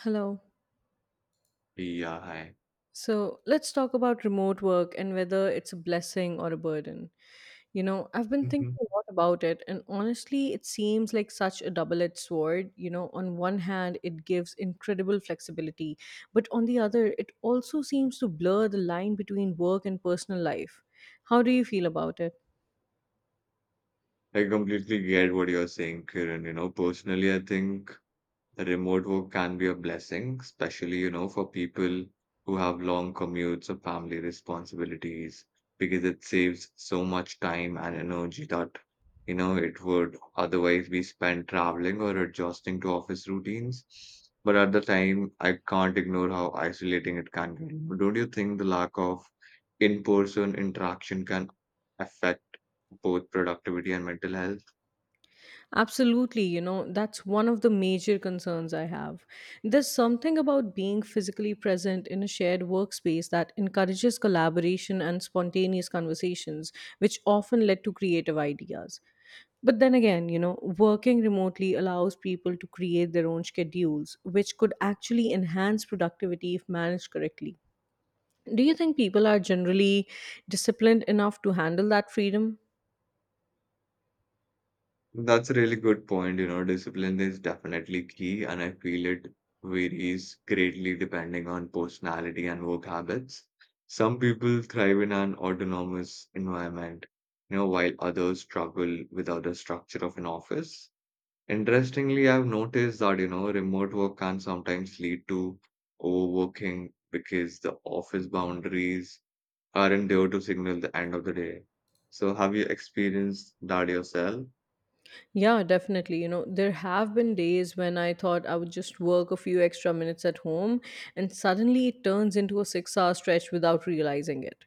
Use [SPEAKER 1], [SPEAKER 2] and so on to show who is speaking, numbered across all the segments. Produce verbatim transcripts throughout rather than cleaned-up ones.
[SPEAKER 1] Hello.
[SPEAKER 2] Yeah, I
[SPEAKER 1] So let's talk about remote work and whether it's a blessing or a burden. You know, I've been thinking
[SPEAKER 2] Mhm.
[SPEAKER 1] a lot about it, and honestly, it seems like such a double edged sword. You know, on one hand, it gives incredible flexibility, but on the other, it also seems to blur the line between work and personal life. How do you feel about it?
[SPEAKER 2] I completely get what you're saying, Kiran. You know, personally, I think remote work can be a blessing, especially, you know, for people who have long commutes or family responsibilities, because it saves so much time and energy that, you know, it would otherwise be spent traveling or adjusting to office routines. But at the time, I can't ignore how isolating it can be. Don't you think the lack of in-person interaction can affect both productivity and mental health?
[SPEAKER 1] Absolutely, you know, that's one of the major concerns I have. There's something about being physically present in a shared workspace that encourages collaboration and spontaneous conversations, which often led to creative ideas. But then again, you know, working remotely allows people to create their own schedules, which could actually enhance productivity if managed correctly. Do you think people are generally disciplined enough to handle that freedom?
[SPEAKER 2] That's a really good point. You know, discipline is definitely key, and I feel it varies greatly depending on personality and work habits. Some people thrive in an autonomous environment, you know, while others struggle without the structure of an office. Interestingly, I've noticed that, you know, remote work can sometimes lead to overworking because the office boundaries aren't there to signal the end of the day. So, have you experienced that yourself?
[SPEAKER 1] Yeah, definitely. You know, there have been days when I thought I would just work a few extra minutes at home, and suddenly it turns into a six hour stretch without realizing it.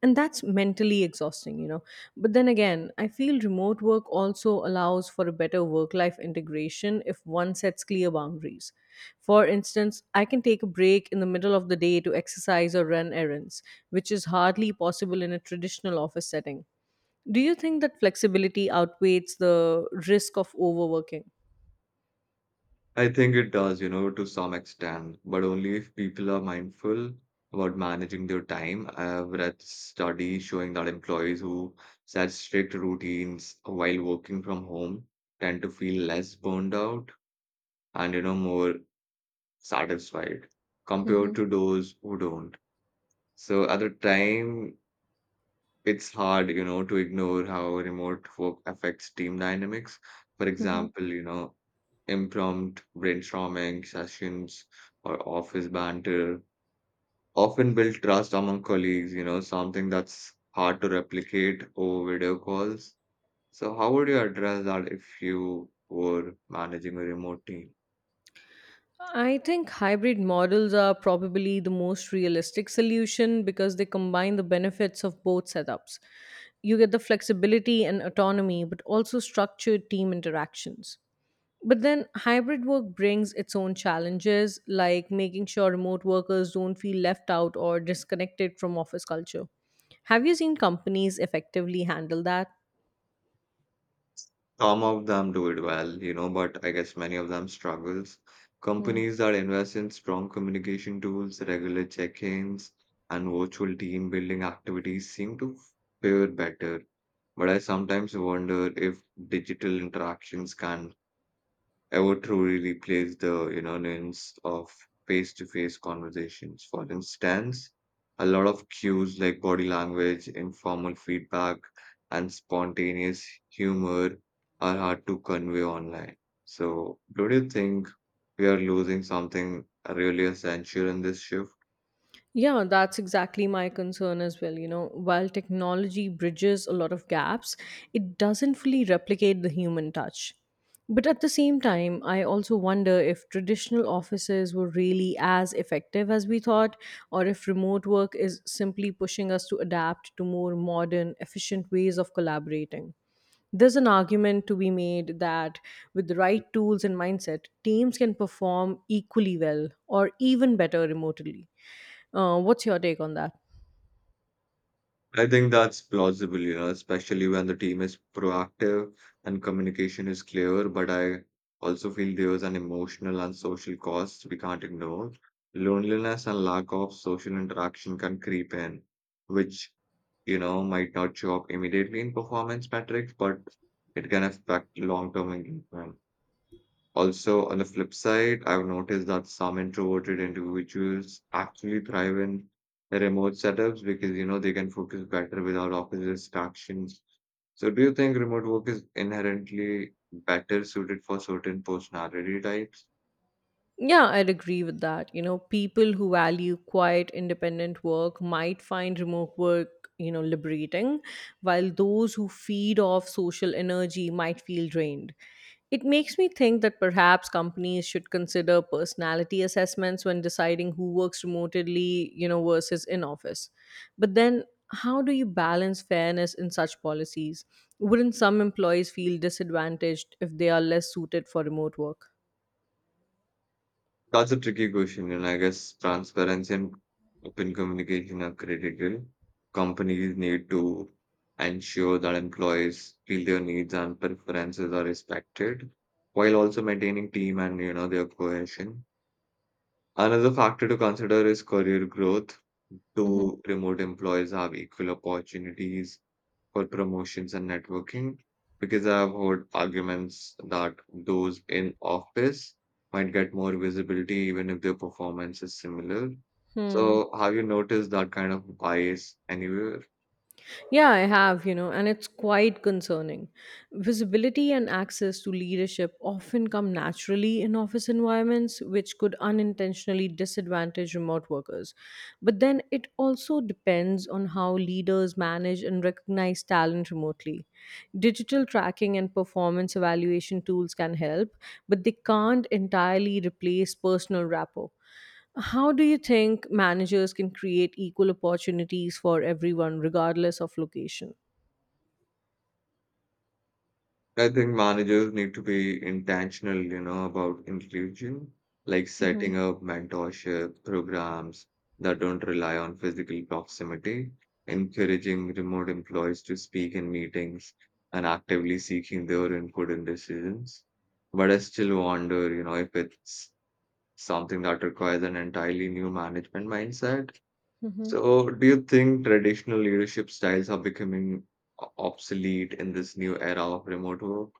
[SPEAKER 1] And that's mentally exhausting, you know. But then again, I feel remote work also allows for a better work life integration if one sets clear boundaries. For instance, I can take a break in the middle of the day to exercise or run errands, which is hardly possible in a traditional office setting. Do you think that flexibility outweighs the risk of overworking?
[SPEAKER 2] I think it does, you know, to some extent, but only if people are mindful about managing their time. I have read studies showing that employees who set strict routines while working from home tend to feel less burned out and, you know, more satisfied compared
[SPEAKER 1] Mhm,
[SPEAKER 2] to those who don't. So at the time, it's hard, you know, to ignore how remote work affects team dynamics. For
[SPEAKER 1] mhm.
[SPEAKER 2] example, you know, impromptu brainstorming sessions or office banter often build trust among colleagues, you know, something that's hard to replicate over video calls. So, how would you address that if you were managing a remote team?
[SPEAKER 1] I think hybrid models are probably the most realistic solution because they combine the benefits of both setups. You get the flexibility and autonomy, but also structured team interactions. But then hybrid work brings its own challenges, like making sure remote workers don't feel left out or disconnected from office culture. Have you seen companies effectively handle that?
[SPEAKER 2] Some of them do it well, you know, but I guess many of them struggles. Companies that invest in strong communication tools, regular check-ins, and virtual team building activities seem to fare better. But I sometimes wonder if digital interactions can I would truly replace the, you know, nuance of face-to-face conversations. For instance, a lot of cues like body language, informal feedback, and spontaneous humor are hard to convey online. So, do you think we are losing something really essential in this shift?
[SPEAKER 1] Yeah, that's exactly my concern as well. You know, while technology bridges a lot of gaps, it doesn't fully replicate the human touch. But at the same time, I also wonder if traditional offices were really as effective as we thought, or if remote work is simply pushing us to adapt to more modern, efficient ways of collaborating. There's an argument to be made that with the right tools and mindset, teams can perform equally well or even better remotely. Uh, what's your take on that?
[SPEAKER 2] I think that's plausible, you know, especially when the team is proactive and communication is clear. But I also feel there's an emotional and social cost we can't ignore. Loneliness and lack of social interaction can creep in, which, you know, might not show up immediately in performance metrics, but it can affect long-term engagement. Also, on the flip side, I've noticed that some introverted individuals actually thrive in remote setups because you know they can focus better without office distractions. So, do you think remote work is inherently better suited for certain personality types?
[SPEAKER 1] Yeah, I'd agree with that. You know, people who value quiet, independent work might find remote work, you know, liberating, while those who feed off social energy might feel drained. It makes me think that perhaps companies should consider personality assessments when deciding who works remotely, you know, versus in office. But then, how do you balance fairness in such policies? Wouldn't some employees feel disadvantaged if they are less suited for remote work?
[SPEAKER 2] That's a tricky question, and I guess transparency and open communication are critical. Companies need to ensure that employees feel their needs and preferences are respected, while also maintaining team and you know their cohesion. Another factor to consider is career growth.
[SPEAKER 1] Hmm.
[SPEAKER 2] Do remote employees have equal opportunities for promotions and networking because I've heard arguments that those in office might get more visibility even if their performance is similar.
[SPEAKER 1] Hmm.
[SPEAKER 2] So, have you noticed that kind of bias anywhere?
[SPEAKER 1] Yeah, I have, you know, and it's quite concerning. Visibility and access to leadership often come naturally in office environments, which could unintentionally disadvantage remote workers. But then it also depends on how leaders manage and recognize talent remotely. Digital tracking and performance evaluation tools can help, but they can't entirely replace personal rapport. How do you think managers can create equal opportunities for everyone, regardless of location?
[SPEAKER 2] I think managers need to be intentional, you know, about inclusion, like
[SPEAKER 1] Mm-hmm.
[SPEAKER 2] setting up mentorship programs that don't rely on physical proximity, encouraging remote employees to speak in meetings, and actively seeking their input in decisions. But I still wonder, you know, if it's something that requires an entirely new management mindset. So, do you think traditional leadership styles are becoming o- obsolete in this new era of remote work?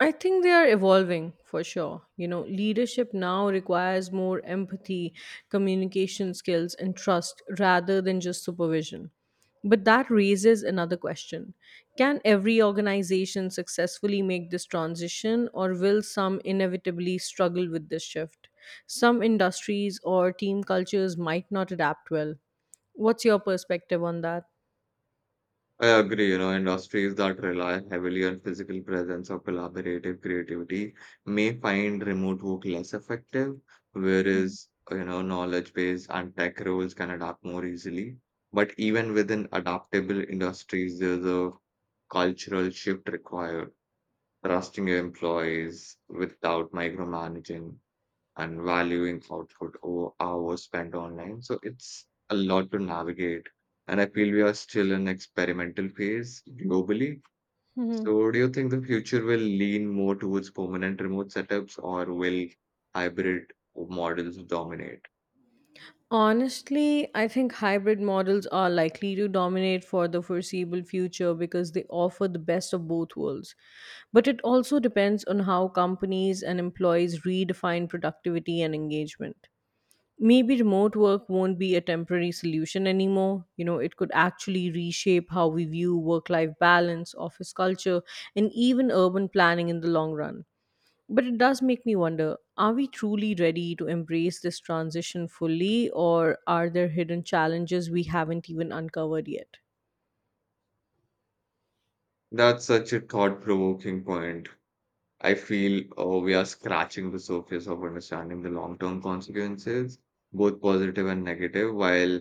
[SPEAKER 1] I think they are evolving for sure. You know, leadership now requires more empathy, communication skills, and trust rather than just supervision. But that raises another question. Can every organization successfully make this transition, or will some inevitably struggle with this shift? Some industries or team cultures might not adapt well. What's your perspective on that?
[SPEAKER 2] I agree, you know, industries that rely heavily on physical presence or collaborative creativity may find remote work less effective, whereas, you know, knowledge-based and tech roles can adapt more easily. But even within adaptable industries, there's a cultural shift required, trusting your employees without micromanaging and valuing output over hours spent online. So it's a lot to navigate. And I feel we are still in experimental phase globally. So do you think the future will lean more towards permanent remote setups or will hybrid models dominate?
[SPEAKER 1] Honestly, I think hybrid models are likely to dominate for the foreseeable future because they offer the best of both worlds. But it also depends on how companies and employees redefine productivity and engagement. Maybe remote work won't be a temporary solution anymore. You know, it could actually reshape how we view work life balance, office culture, and even urban planning in the long run. But it does make me wonder, are we truly ready to embrace this transition fully, or are there hidden challenges we haven't even uncovered yet?
[SPEAKER 2] That's such a thought-provoking point. I feel uh, we are scratching the surface of understanding the long-term consequences, both positive and negative, while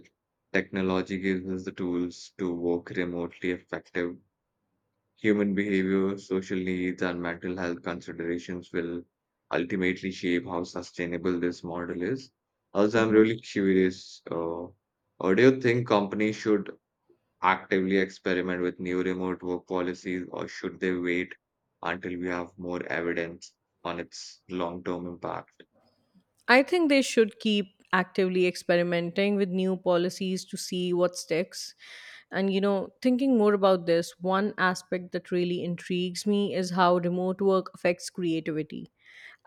[SPEAKER 2] technology gives us the tools to work remotely effective. Human behavior, social needs, and mental health considerations will ultimately shape how sustainable this model is. Also, I'm really curious, uh, uh, do you think companies should actively experiment with new remote work policies, or should they wait until we have more evidence on its long-term impact?
[SPEAKER 1] I think they should keep actively experimenting with new policies to see what sticks. And, you know, thinking more about this, one aspect that really intrigues me is how remote work affects creativity.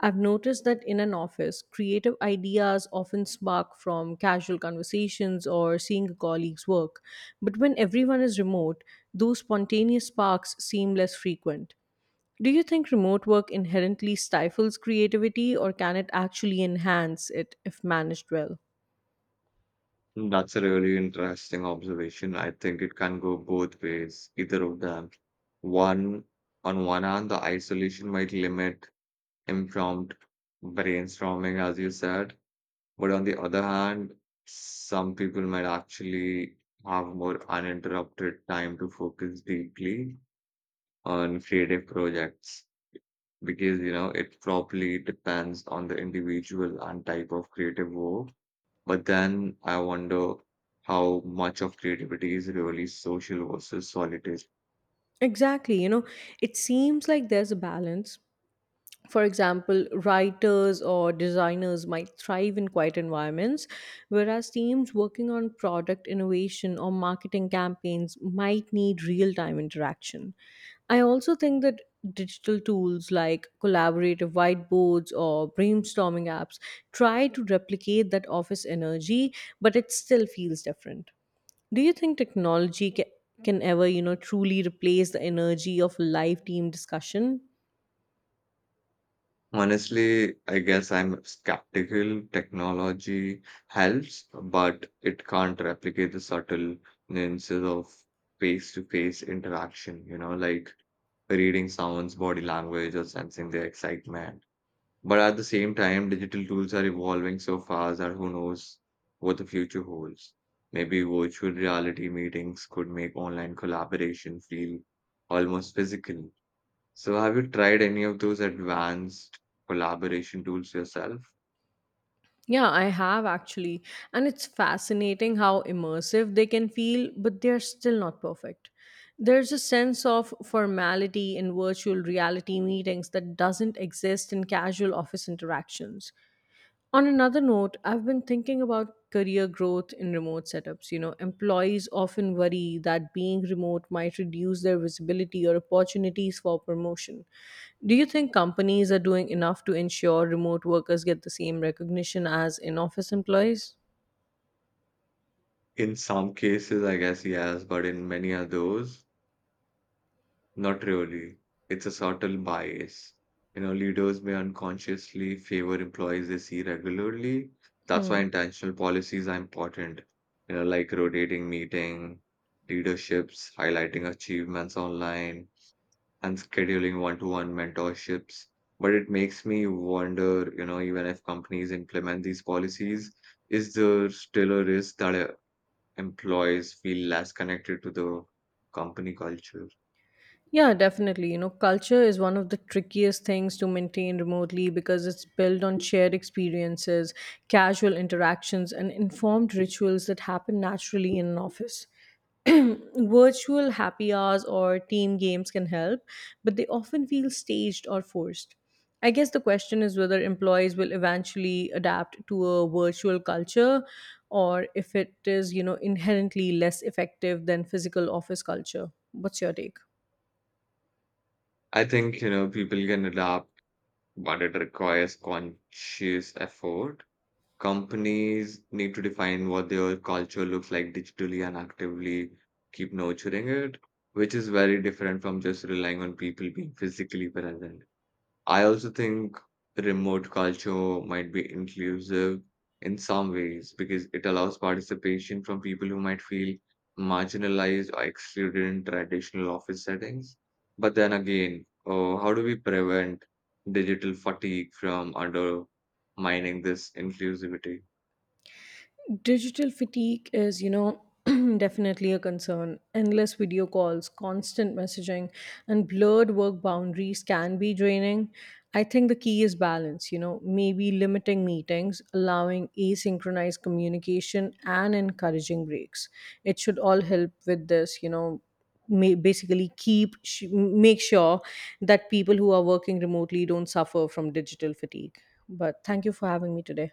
[SPEAKER 1] I've noticed that in an office, creative ideas often spark from casual conversations or seeing a colleague's work. But when everyone is remote, those spontaneous sparks seem less frequent. Do you think remote work inherently stifles creativity, or can it actually enhance it if managed well?
[SPEAKER 2] That's a really interesting observation. I think it can go both ways, either of them. One, on one hand, the isolation might limit impromptu brainstorming, as you said, but on the other hand, some people might actually have more uninterrupted time to focus deeply on creative projects. because you know it probably depends on the individual and type of creative work. But then I wonder how much of creativity is really social versus solitary.
[SPEAKER 1] Exactly, you know, it seems like there's a balance. For example, writers or designers might thrive in quiet environments, whereas teams working on product innovation or marketing campaigns might need real time interaction. I also think that digital tools like collaborative whiteboards or brainstorming apps try to replicate that office energy, but it still feels different. Do you think technology ca- can ever, you know, truly replace the energy of live team discussion?
[SPEAKER 2] Honestly, I guess I'm skeptical. Technology helps, but it can't replicate the subtle nuances of face-to-face interaction, you know, like reading someone's body language or sensing their excitement. But at the same time, digital tools are evolving so fast that who knows what the future holds. Maybe virtual reality meetings could make online collaboration feel almost physical. So, have you tried any of those advanced collaboration tools yourself?
[SPEAKER 1] Yeah, I have actually. And it's fascinating how immersive they can feel, but they're still not perfect. There's a sense of formality in virtual reality meetings that doesn't exist in casual office interactions. On another note, I've been thinking about career growth in remote setups. You know, employees often worry that being remote might reduce their visibility or opportunities for promotion. Do you think companies are doing enough to ensure remote workers get the same recognition as in office employees?
[SPEAKER 2] In some cases, I guess yes, but in many others, Not really. It's a subtle bias. You know, leaders may unconsciously favor employees they see regularly. That's why
[SPEAKER 1] Hmm.
[SPEAKER 2] intentional policies are important. You know, like rotating meeting, leaderships, highlighting achievements online, and scheduling one-to-one mentorships. But it makes me wonder, you know, even if companies implement these policies, is there still a risk that uh, employees feel less connected to the company culture?
[SPEAKER 1] Yeah, definitely. You know, culture is one of the trickiest things to maintain remotely because it's built on shared experiences, casual interactions, and informed rituals that happen naturally in an office. Virtual happy hours or team games can help, but they often feel staged or forced. I guess the question is whether employees will eventually adapt to a virtual culture or if it is, you know, inherently less effective than physical office culture. What's your take?
[SPEAKER 2] I think, you know, people can adapt, but it requires conscious effort. Companies need to define what their culture looks like digitally and actively keep nurturing it, which is very different from just relying on people being physically present. I also think remote culture might be inclusive in some ways because it allows participation from people who might feel marginalized or excluded in traditional office settings. But then again, uh, how do we prevent digital fatigue from undermining this inclusivity?
[SPEAKER 1] Digital fatigue is, you know, definitely a concern. Endless video calls, constant messaging, and blurred work boundaries can be draining. I think the key is balance, you know, maybe limiting meetings, allowing asynchronized communication, and encouraging breaks. It should all help with this, you know. ma- Basically, keep sh- make sure that people who are working remotely don't suffer from digital fatigue. But thank you for having me today.